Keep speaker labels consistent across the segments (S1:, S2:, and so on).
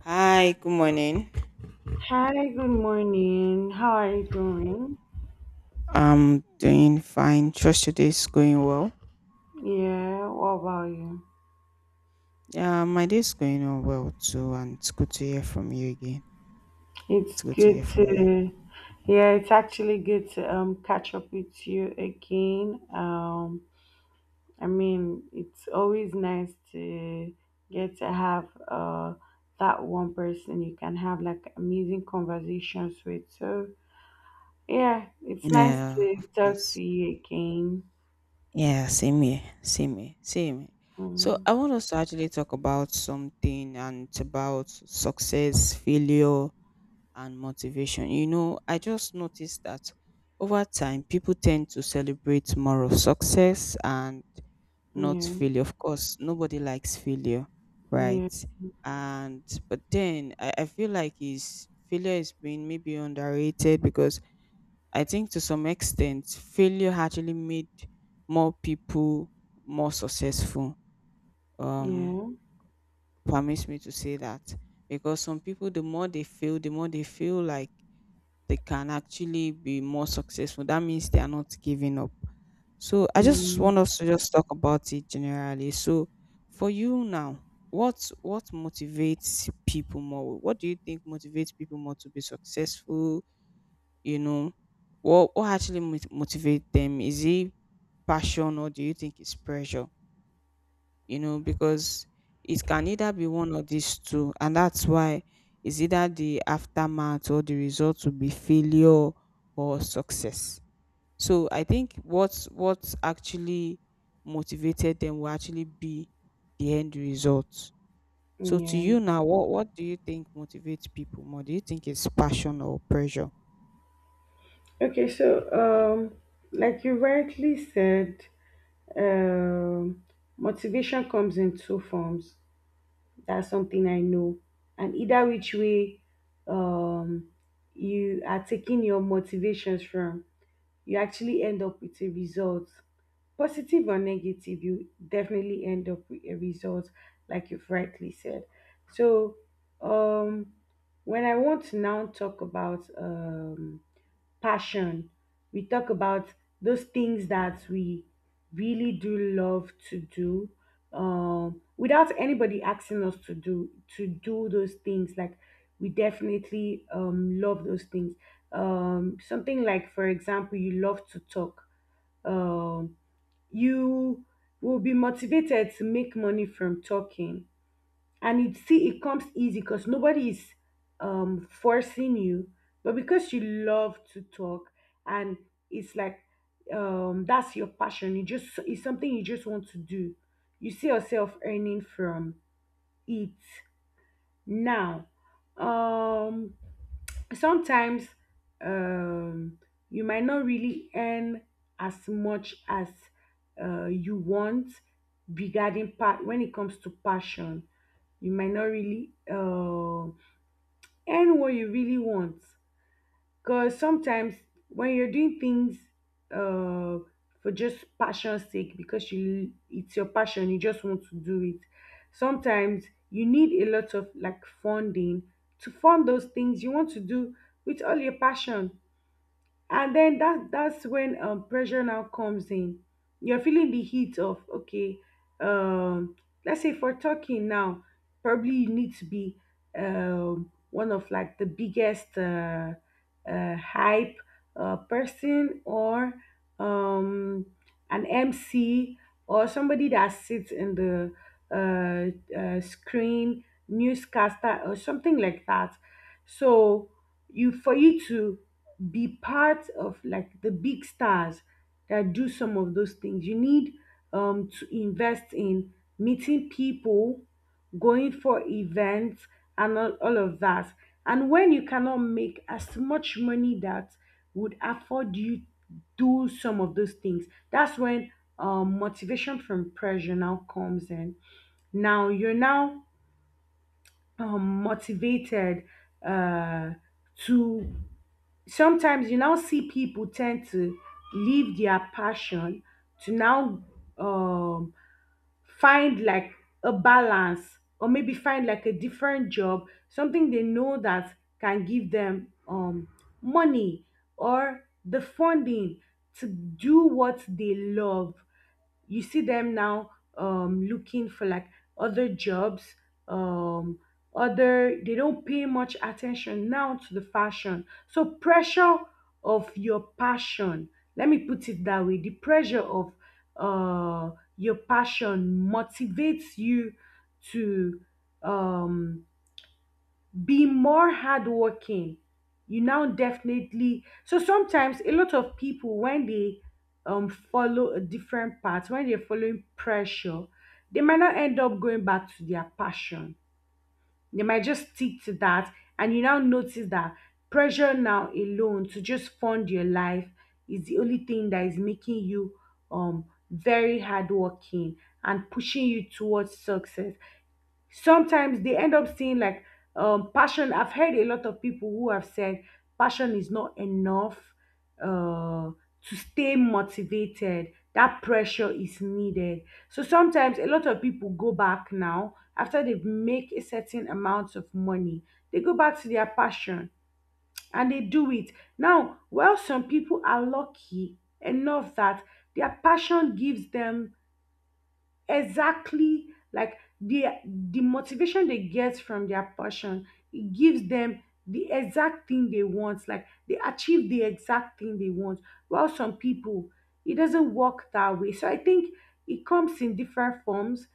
S1: Hi, good morning.
S2: Hi, good morning. How are you doing?
S1: I'm doing fine. Trust your day's going well.
S2: Yeah, what about you?
S1: Yeah, my day's going on well too, and it's good to hear from you again.
S2: It's
S1: It's good to
S2: good
S1: hear from you.
S2: to, yeah, it's actually good to catch up with you again. I mean, it's always nice to get to have that one person you can have like amazing conversations with. So yeah, it's nice
S1: Yeah,
S2: to
S1: of
S2: talk
S1: course.
S2: to you again.
S1: Yeah, same here, same here, same here. So
S2: Mm,
S1: I want us to actually talk about something, and it's about success, failure, and motivation. You know, I just noticed that over time, people tend to celebrate more of success and not
S2: yeah,
S1: failure. Of course, nobody likes failure,
S2: yeah,
S1: right? And but then I feel like is failure is being maybe underrated because I think to some extent failure actually made more people more successful. Um,
S2: yeah,
S1: Permits me to say that because some people, the more they fail, the more they feel like they can actually be more successful. That means they are not giving up. So I just
S2: mm,
S1: want us to just talk about it generally. So for you now, what motivates people more? What do you think motivates people more to be successful? You know, what actually motivate them? Is it passion, or do you think it's pressure? You know, because it can either be one of these two, and that's why it's either the aftermath or the result will be failure or success. So I think what actually motivated them will actually be the end result. So to
S2: yeah.
S1: you now, what do you think motivates people more? Do you think it's passion or pressure?
S2: Okay, like you rightly said, um, motivation comes in two forms. That's something I know. And either which way um, you are taking your motivations from, you actually end up with a result. Positive or negative, you definitely end up with a result, like you've rightly said. So um, when I want to now talk about passion. We talk about those things that we really do love to do without anybody asking us to do those things. Like we definitely love those things. Something like, for example, you love to talk. Um, you will be motivated to make money from talking and it comes easy because nobody is forcing you but because you love to talk and it's like that's your passion you just it's something you just want to do, you see yourself earning from it. Now, um sometimes, um you might not really earn as much as you want. Regarding part when it comes to passion, you might not really earn what you really want. Because sometimes when you're doing things uh, for just passion's sake, because you it's your passion, you just want to do it. Sometimes you need a lot of like funding to fund those things you want to do with all your passion, and then that's when pressure now comes in. You're feeling the heat of, okay, um let's say for talking now, probably you need to be one of like the biggest hype person, or um an MC, or somebody that sits in the uh, screen, newscaster or something like that. So, you, for you to be part of like the big stars that do some of those things, you need to invest in meeting people, going for events, and all of that. And when you cannot make as much money that would afford you do some of those things, that's when motivation from pressure now comes in. Now you're now motivated uh, to, sometimes you now see people tend to leave their passion to now um, find like a balance, or maybe find like a different job, something they know that can give them money or the funding to do what they love. You see them now looking for like other jobs, um, other, they don't pay much attention now to the fashion. So pressure of your passion, let me put it that way, the pressure of uh, your passion motivates you to um, be more hardworking. You now definitely, so sometimes a lot of people when they follow a different path, when they're following pressure, they might not end up going back to their passion. They might just stick to that, and you now notice that pressure now alone to just fund your life is the only thing that is making you um very hardworking and pushing you towards success. Sometimes they end up seeing like passion, I've heard a lot of people who have said passion is not enough uh to stay motivated, that pressure is needed. So sometimes a lot of people go back now after they make a certain amount of money, they go back to their passion and they do it. Now, while some people are lucky enough that their passion gives them exactly like the motivation they get from their passion, it gives them the exact thing they want, like they achieve the exact thing they want. While some people, it doesn't work that way. So I think it comes in different forms.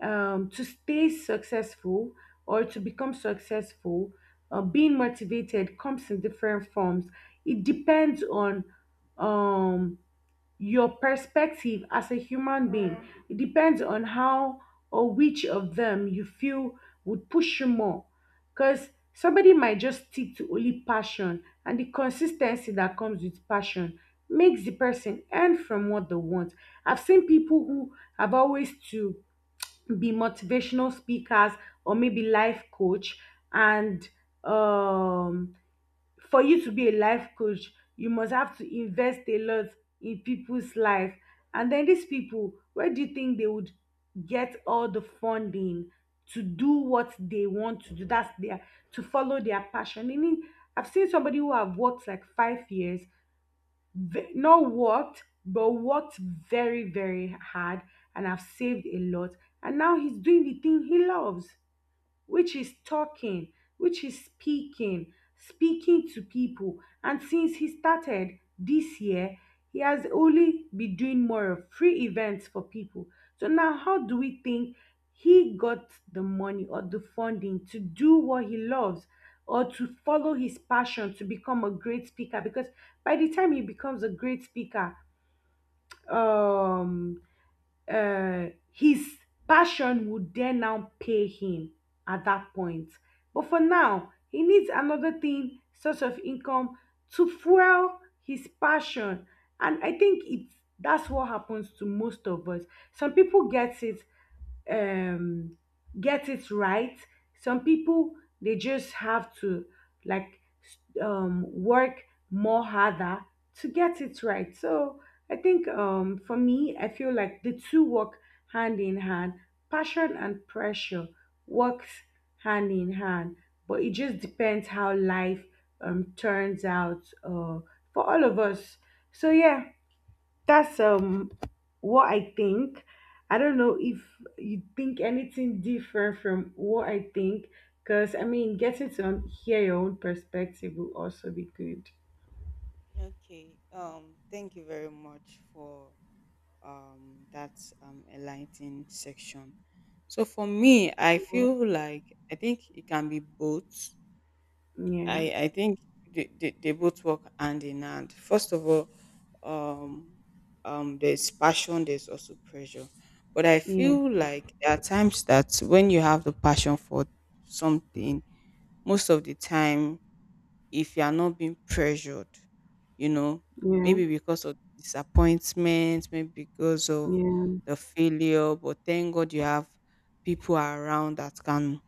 S2: Um, to stay successful or to become successful, being motivated comes in different forms. It depends on um your perspective as a human being. It depends on how or which of them you feel would push you more. Because somebody might just stick to only passion, and the consistency that comes with passion makes the person earn from what they want. I've seen people who have always to be motivational speakers, or maybe life coach, and um for you to be a life coach, you must have to invest a lot in people's life. And then these people, where do you think they would get all the funding to do what they want to do? That's their, to follow their passion. Meaning, I've seen somebody who have worked like 5 years, not worked, but worked very, very hard, and have saved a lot. And now he's doing the thing he loves, which is talking, which is speaking, speaking to people. And since he started this year, he has only been doing more of free events for people. So now, how do we think he got the money or the funding to do what he loves? Or to follow his passion to become a great speaker, because by the time he becomes a great speaker, um, his passion would dare now pay him at that point. But for now he needs another thing, source of income, to fuel his passion. And I think it's that's what happens to most of us. Some people get it, um get it right. Some people, they just have to like work more harder to get it right. So I think, for me, I feel like the two work hand in hand. Passion and pressure works hand in hand, but it just depends how life turns out for all of us. So yeah, that's what I think. I don't know if you think anything different from what I think, because I mean, getting to hear your own perspective will also be good.
S1: Okay. Thank you very much for that enlightening section. So for me, I feel like I think it can be both.
S2: Yeah,
S1: I think they both work hand in hand. First of all, um, there's passion, there's also pressure. But I
S2: yeah,
S1: feel like there are times that when you have the passion for something, most of the time, if you are not being pressured, you know,
S2: yeah,
S1: maybe because of disappointment, maybe because of
S2: yeah,
S1: the failure, but thank God you have people around that can,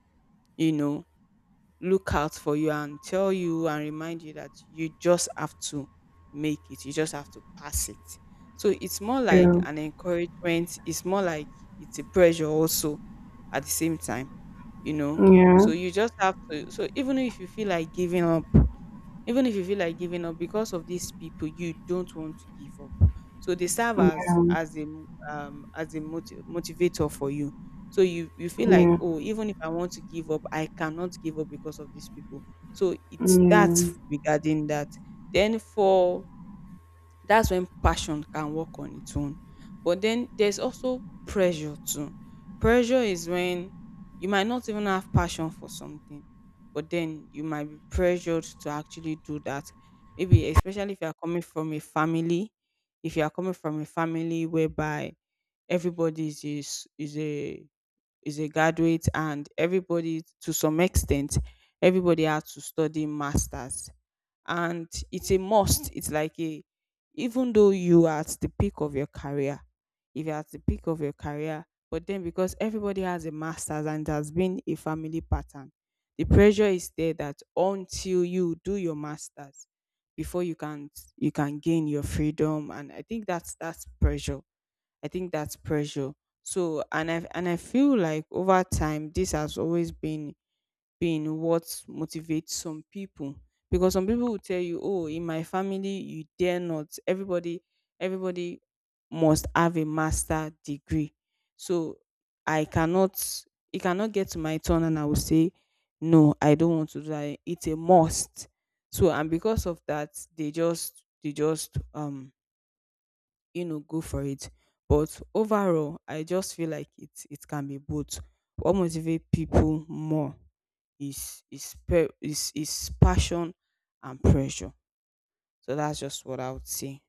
S1: you know, look out for you and tell you and remind you that you just have to make it, you just have to pass it. So it's more like
S2: yeah,
S1: an encouragement, it's more like it's a pressure also at the same time, you know.
S2: yeah,
S1: So you just have to, so even if you feel like giving up, even if you feel like giving up, because of these people you don't want to give up. So they serve
S2: yeah,
S1: as as a motivator for you. So you feel
S2: yeah,
S1: like,
S2: yeah,
S1: oh, even if I want to give up, I cannot give up because of these people. So
S2: yeah,
S1: it's
S2: yeah,
S1: that regarding that. Then for, that's when passion can work on its own. But then there's also pressure too. Pressure is when you might not even have passion for something, but then you might be pressured to actually do that. Maybe especially if you are coming from a family, if you are coming from a family whereby everybody is is a graduate, and everybody to some extent, everybody has to study masters, and it's a must, it's like a, even though you are at the peak of your career, if you're at the peak of your career, but then because everybody has a masters and it has been a family pattern, the pressure is there that until you do your masters before you can, you can gain your freedom. And I think that's pressure. I think that's pressure. So and I feel like over time this has always been what motivates some people, because some people will tell you, oh, in my family you dare not. Everybody must have a master degree. So I cannot, it cannot get to my turn and I will say no, I don't want to do that. It's a must. So and because of that, they just you know, go for it. But overall, I just feel like it can be both. What motivates people more is is is passion and pressure. So that's just what I would say.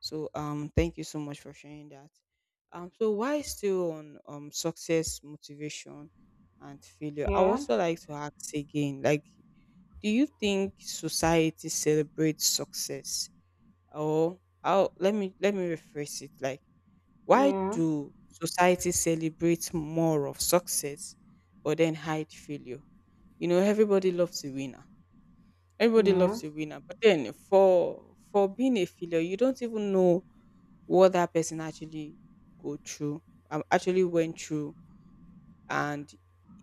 S1: So thank you so much for sharing that. So why still on success, motivation, and failure, I would
S2: yeah,
S1: also like to ask again, like, do you think society celebrates success, or how, let me rephrase it, like, why do society celebrate more of success but then hide failure? You know, everybody loves a winner. Everybody loves a winner. But then for being a failure, you don't even know what that person actually go through, actually went through. And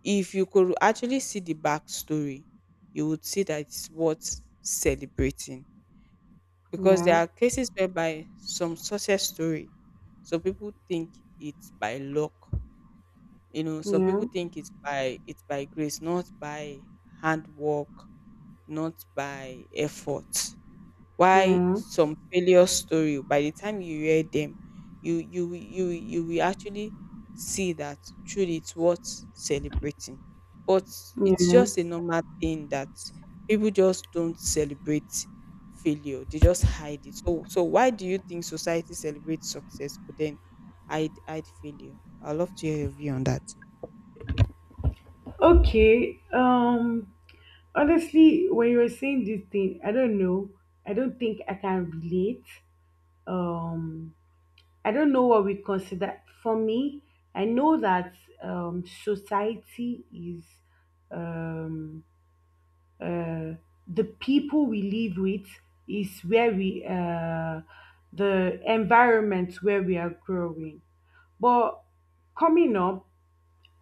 S1: if you could actually see the backstory, you would see that it's worth celebrating. Because there are cases whereby some success story, so people think it's by luck. You know, some
S2: yeah,
S1: people think it's by grace, not by hard work, not by effort.
S2: yeah,
S1: Why
S2: yeah,
S1: some failure story? By the time you hear them, you will actually see that truly it's worth celebrating. But it's
S2: yeah.
S1: just a normal thing that people just don't celebrate failure. They just hide it. So so why do you think society celebrates success but then hide failure? I'd love to hear your view on that.
S2: Okay. Um, honestly, when you were saying this thing, I don't know, I don't think I can relate. um I don't know what we consider. For me, I know that society is, um uh the people we live with, is where we, the environment where we are growing. But coming up,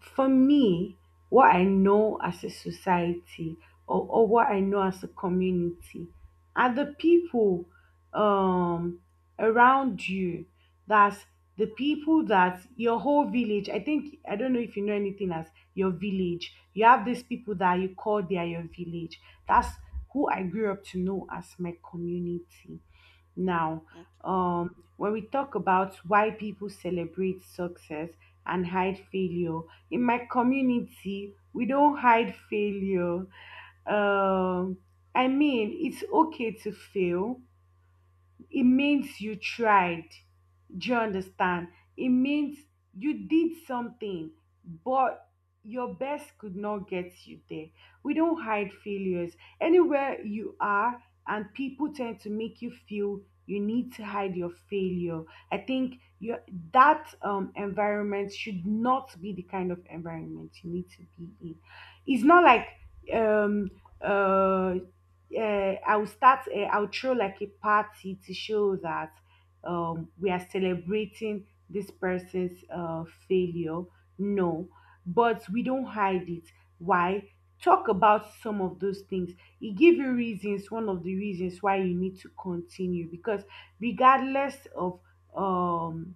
S2: for me, what I know as a society, or what I know as a community, are the people um, around you. That's the people that your whole village, I think, I don't know if you know anything as your village. You have these people that you call, they are your village. That's who I grew up to know as my community. Now, when we talk about why people celebrate success and hide failure, in my community, we don't hide failure. Um, I mean, it's okay to fail, it means you tried. Do you understand? It means you did something, but your best could not get you there. We don't hide failures. Anywhere you are, and people tend to make you feel you need to hide your failure, I think your, that environment should not be the kind of environment you need to be in. It's not like um, uh, I'll start. I'll throw like a party to show that, we are celebrating this person's failure. No, but we don't hide it. Why? Talk about some of those things. It give you reasons, one of the reasons why you need to continue, because regardless of um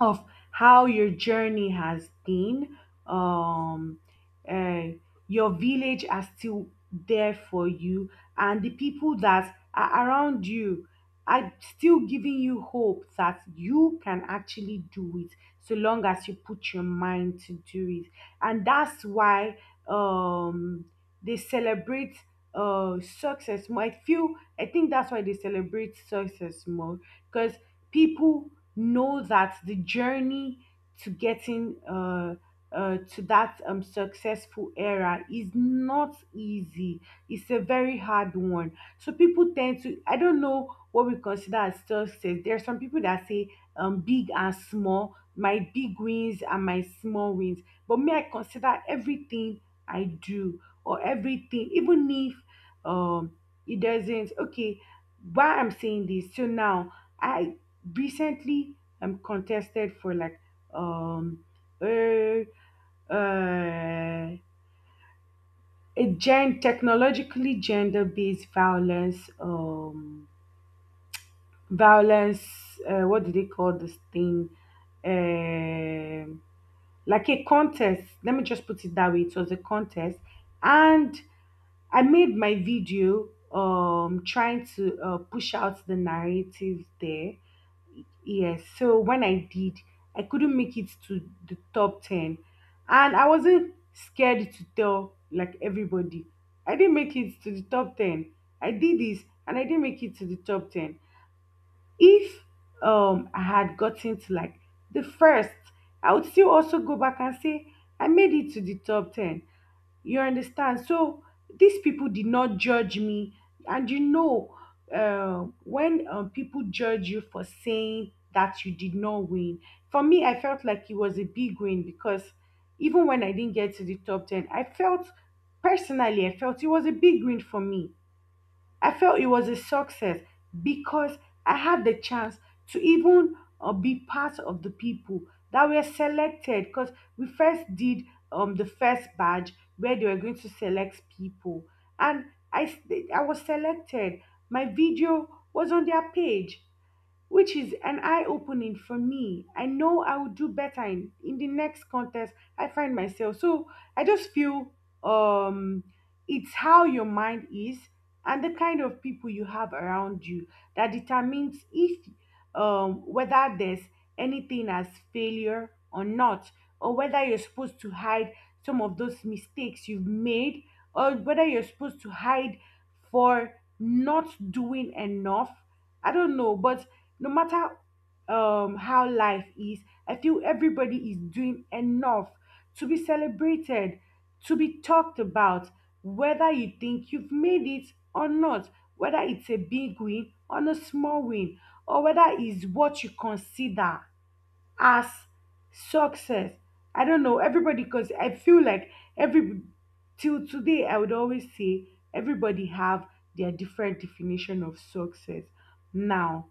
S2: of how your journey has been, Um, eh, your village are still there for you, and the people that are around you are still giving you hope that you can actually do it, so long as you put your mind to do it. And that's why um, they celebrate success more. I feel, I think that's why they celebrate success more, because people know that the journey to getting to that successful era is not easy. It's a very hard one. So people tend to, I don't know what we consider as success. There are some people that say, big and small, my big wins and my small wins. But me, I consider everything I do or everything, even if um, it doesn't, okay, why I'm saying this. So now, I recently, I'm contested for like um uh, uh a gen technologically gender-based violence violence, what do they call this thing, um like a contest, let me just put it that way, it was a contest. And I made my video trying to push out the narrative there. Yes, so when I did, I couldn't make it to the top 10, and I wasn't scared to tell like everybody. I didn't make it to the top 10. I did this and I didn't make it to the top 10. If I had gotten to like the first, I would still also go back and say I made it to the top 10. You understand? So these people did not judge me. And you know, when people judge you for saying that you did not win, for me, I felt like it was a big win because even when I didn't get to the top 10, I felt personally, I felt it was a big win for me. I felt it was a success because I had the chance to even be part of the people that were selected. Because we first did the first badge where they were going to select people, and I s- I was selected. My video was on their page which is an eye opening for me. I know I will do better in the next contest I find myself. So I just feel um it's how your mind is and the kind of people you have around you that determines if whether there's anything as failure or not, or whether you're supposed to hide some of those mistakes you've made, or whether you're supposed to hide for not doing enough. I don't know, but no matter how life is, I feel everybody is doing enough to be celebrated, to be talked about, whether you think you've made it or not, whether it's a big win or a small win, or whether it's what you consider as success. I don't know everybody because I feel like every, till today I would always say, everybody have their different definition of success. Now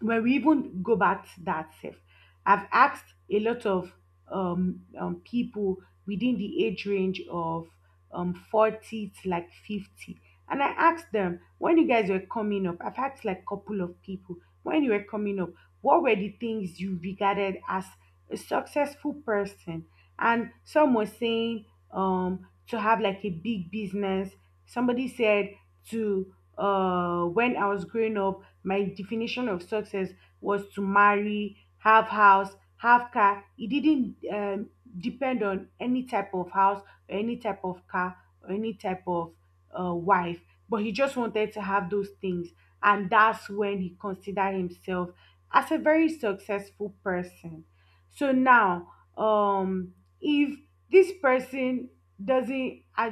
S2: where we even go back to that self, I've asked a lot of people within the age range of 40 to like 50, and I asked them, when you guys were coming up, I've asked like a couple of people, when you were coming up, what were the things you regarded as a successful person? And some were saying, to have like a big business. Somebody said, to when I was growing up, my definition of success was to marry, have house, have car. It didn't depend on any type of house, or any type of car, or any type of wife. But he just wanted to have those things, and that's when he considered himself as a very successful person. So now, if this person doesn't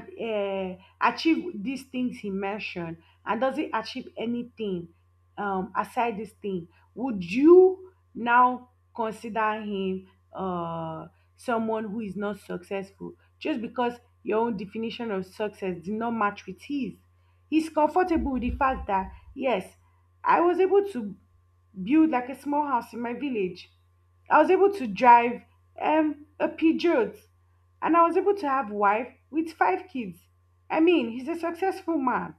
S2: achieve these things he mentioned and doesn't achieve anything aside this thing, would you now consider him uh someone who is not successful just because your own definition of success did not match with his? He's comfortable with the fact that, yes, I was able to build like a small house in my village. I was able to drive a Peugeot, and I was able to have wife with five kids. I mean, he's a successful man.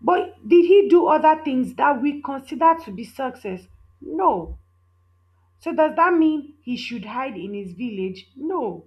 S2: But did he do other things that we consider to be success? No. So does that mean he should hide in his village? No.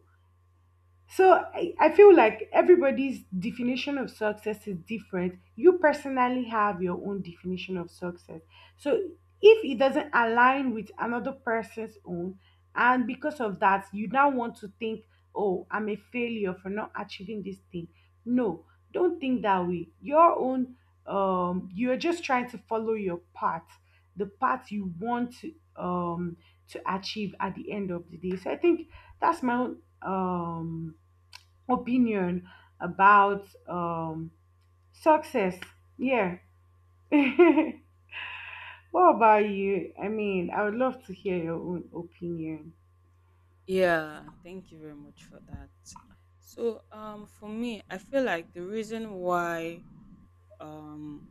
S2: So I feel like everybody's definition of success is different. You personally have your own definition of success. So if it doesn't align with another person's own, and because of that, you now want to think, oh, I'm a failure for not achieving this thing. No, don't think that way. Your own, you're just trying to follow your path, the path you want to achieve at the end of the day. So I think that's my own opinion about success. Yeah. What about you? I mean, I would love to hear your own opinion.
S1: Yeah, thank you very much for that. So, for me, I feel like the reason why um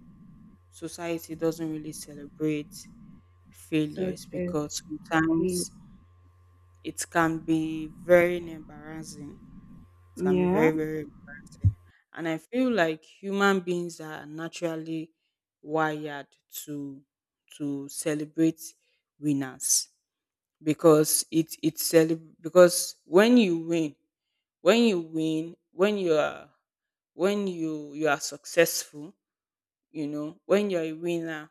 S1: society doesn't really celebrate failures,
S2: Success
S1: because
S2: is.
S1: sometimes it can be very embarrassing. It can be
S2: Yeah.
S1: very, very embarrassing. And I feel like human beings are naturally wired to to celebrate winners, because because when you win, when you win, when you are, when you are successful, you know, when you're a winner,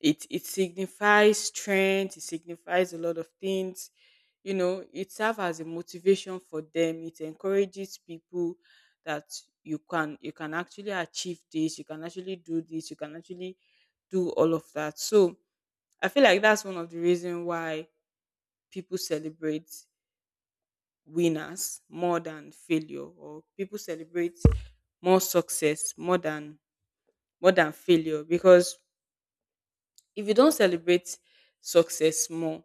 S1: it signifies strength, it signifies a lot of things. You know, it serves as a motivation for them, it encourages people that you can actually achieve this, you can actually do this, you can actually do all of that. So I feel like that's one of the reasons why people celebrate winners more than failure, or people celebrate more success more than failure, because if you don't celebrate success more,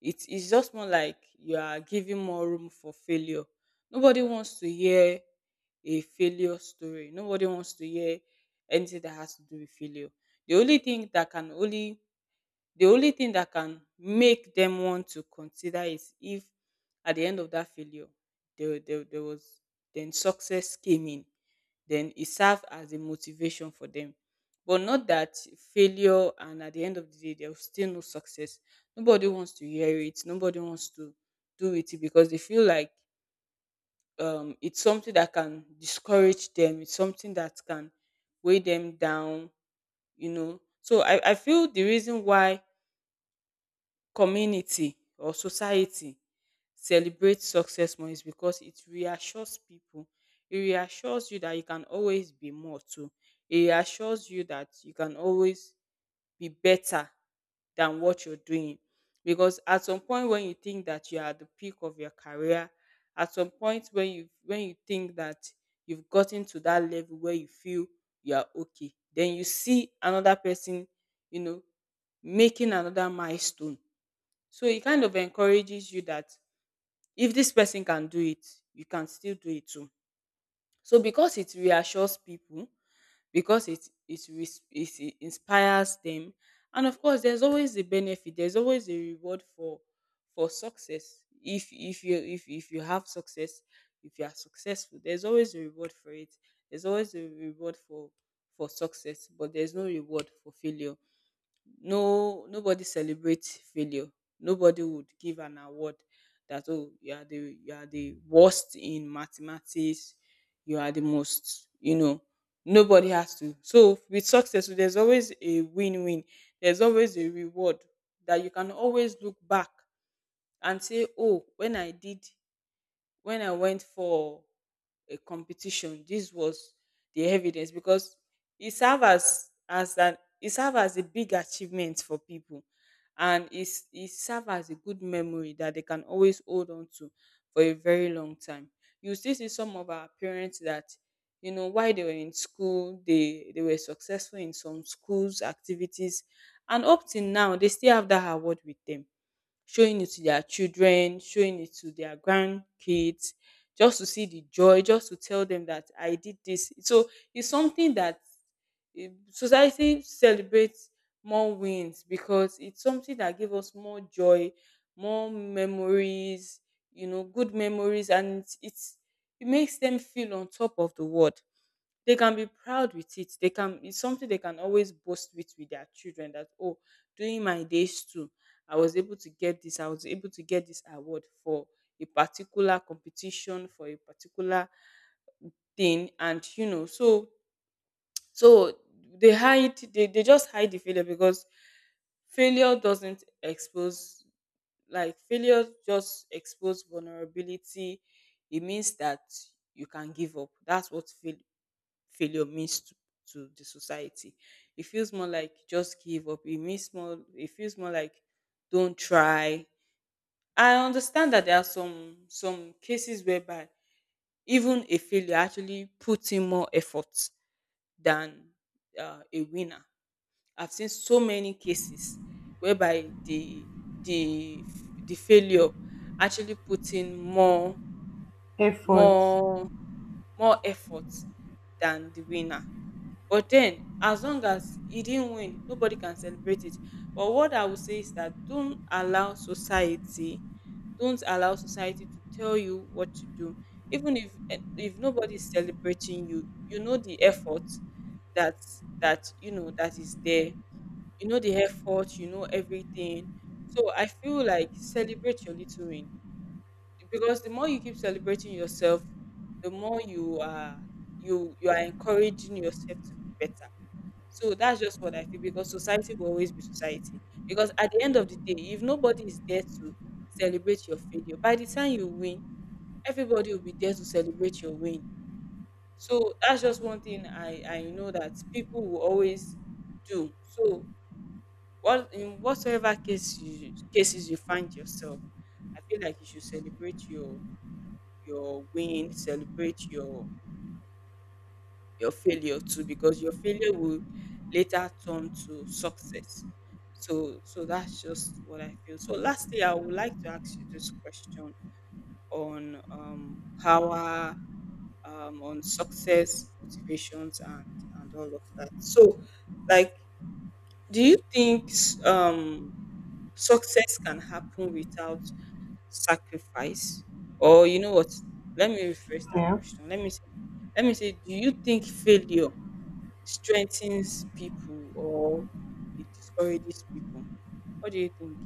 S1: it is just more like you are giving more room for failure. Nobody wants to hear a failure story. Nobody wants to hear anything that has to do with failure. the only thing that can only the only thing that can make them want to consider is if at the end of that failure there was, then success came in, then it served as a motivation for them. But not that failure and at the end of the day there was still no success. Nobody wants to hear it, nobody wants to do it, because they feel like it's something that can discourage them, it's something that can weigh them down, you know. So I feel the reason why community or society celebrates success more is because it reassures people. It reassures you that you can always be more too. It reassures you that you can always be better than what you're doing. Because at some point when you think that you are at the peak of your career, at some point when you think that you've gotten to that level where you feel you are okay, then you see another person, you know, making another milestone. So it kind of encourages you that if this person can do it, you can still do it too. So because it reassures people, because it, res- it inspires them, and of course, there's always a benefit. There's always a reward for success. If you have success, if you are successful, there's always a reward for it. There's always a reward for success, but there's no reward for failure. No, nobody celebrates failure. Nobody would give an award that, oh, you are the worst in mathematics, you are the most, you know, nobody has to. So with success there's always a win-win, there's always a reward that you can always look back and say, oh, when I went for a competition, this was the evidence, because it served as an it served as a big achievement for people, and it served as a good memory that they can always hold on to for a very long time. You still see some of our parents that, you know, while they were in school, they were successful in some schools activities, and up till now they still have that award with them, showing it to their children, showing it to their grandkids, just to see the joy, just to tell them that I did this. So it's something that society celebrates more wins because it's something that gives us more joy, more memories, you know, good memories, and it makes them feel on top of the world. They can be proud with it. They can, it's something they can always boast with their children that oh, during my days too, I was able to get this. I was able to get this award for a particular competition for a particular thing, and you know, so so they hide. They just hide the failure because failure doesn't expose, like failure just expose vulnerability. It means that you can give up. That's what failure means to the society. It feels more like just give up. It means more, it feels more like don't try. I understand that there are some cases whereby even a failure actually puts in more effort than a winner. I've seen so many cases whereby the failure actually put in more
S2: Effort.
S1: more more effort than the winner. But then, as long as he didn't win, nobody can celebrate it. But what I would say is that don't allow society to tell you what to do. Even if if nobody is celebrating you, you know the effort that you know that is there. You know the effort. You know everything. So I feel like celebrate your little win, because the more you keep celebrating yourself, the more you are, you are encouraging yourself to be better. So that's just what I feel, because society will always be society. Because at the end of the day, if nobody is there to celebrate your failure, by the time you win, everybody will be there to celebrate your win. So that's just one thing I know that people will always do. So what, in whatsoever case you, cases you find yourself, I feel like you should celebrate your win, celebrate your failure too, because your failure will later turn to success. So that's just what I feel. So lastly, I would like to ask you this question on power, on success, motivations, and all of that. So, like, do you think success can happen without sacrifice? Or you know what? Let me rephrase that
S2: Yeah.
S1: question. Let me say, do you think failure strengthens people or it discourages people? What do you think?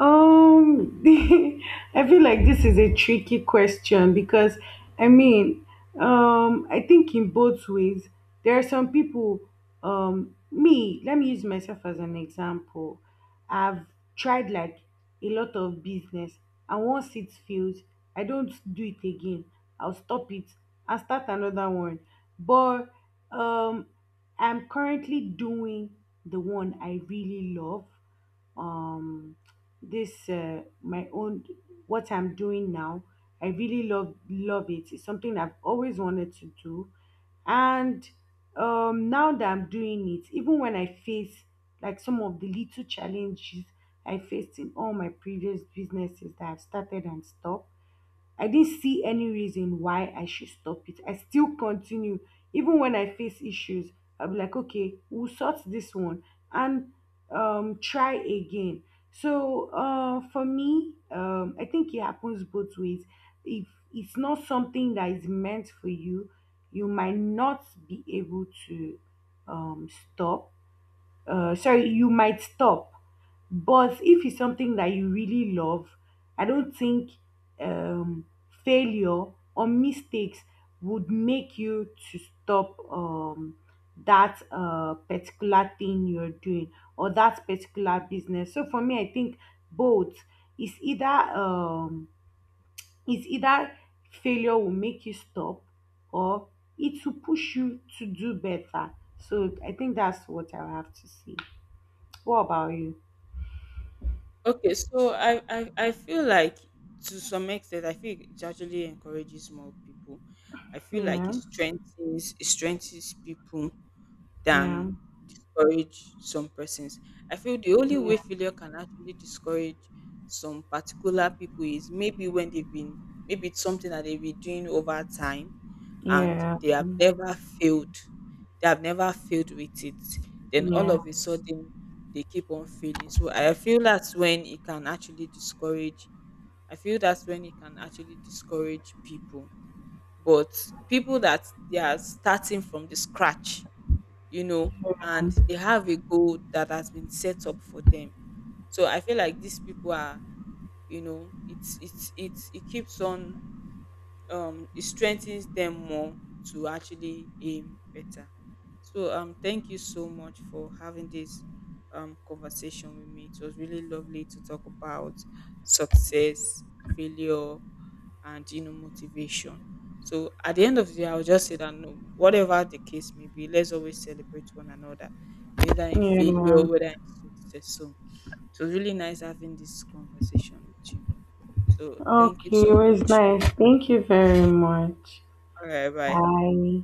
S2: Um, I feel like this is a tricky question because I mean, I think in both ways, there are some people, me, let me use myself as an example. I've tried like a lot of business, and once it fails, I don't do it again. I'll stop it and start another one. But um, I'm currently doing the one I really love. Um this my own, what I'm doing now, I really love it. It's something I've always wanted to do, and now that I'm doing it, even when I face like some of the little challenges I faced in all my previous businesses that I've started and stopped, I didn't see any reason why I should stop it. I still continue. Even when I face issues, I'll be like, okay, we'll sort this one and try again. So For me, I think it happens both ways. If it's not something that is meant for you, you might not be able to um, stop. Sorry, you might stop. But if it's something that you really love, I don't think um, failure or mistakes would make you to stop that particular thing you're doing or that particular business. So for me, I think both is either, is either failure will make you stop or it will push you to do better. So I think that's what I have to say. What about you?
S1: Okay, so I feel like, to some extent, I feel it actually encourages more people. I feel like
S2: Yeah,
S1: it strengthens people
S2: yeah,
S1: than discourage some persons. I feel the only
S2: yeah,
S1: way failure can actually discourage some particular people is maybe when they've been maybe it's something that they've been doing over time and
S2: yeah,
S1: they have never failed. They have never failed with it. Then all
S2: yeah,
S1: of a sudden they keep on failing. So I feel that's when it can actually discourage I feel that's when it can actually discourage people. But people that they are starting from the scratch, you know, and they have a goal that has been set up for them. So I feel like these people are, you know, it keeps on, it strengthens them more to actually aim better. So thank you so much for having this conversation with me. It was really lovely to talk about success, failure, and you know, motivation. So at the end of the day, I'll just say that no, whatever the case may be, let's always celebrate one another, whether in
S2: yeah.
S1: failure, whether in success. So it was really nice having this conversation with you, so thank you
S2: Okay,
S1: so
S2: it was
S1: much.
S2: nice. Thank you very much.
S1: All right, bye.
S2: Bye.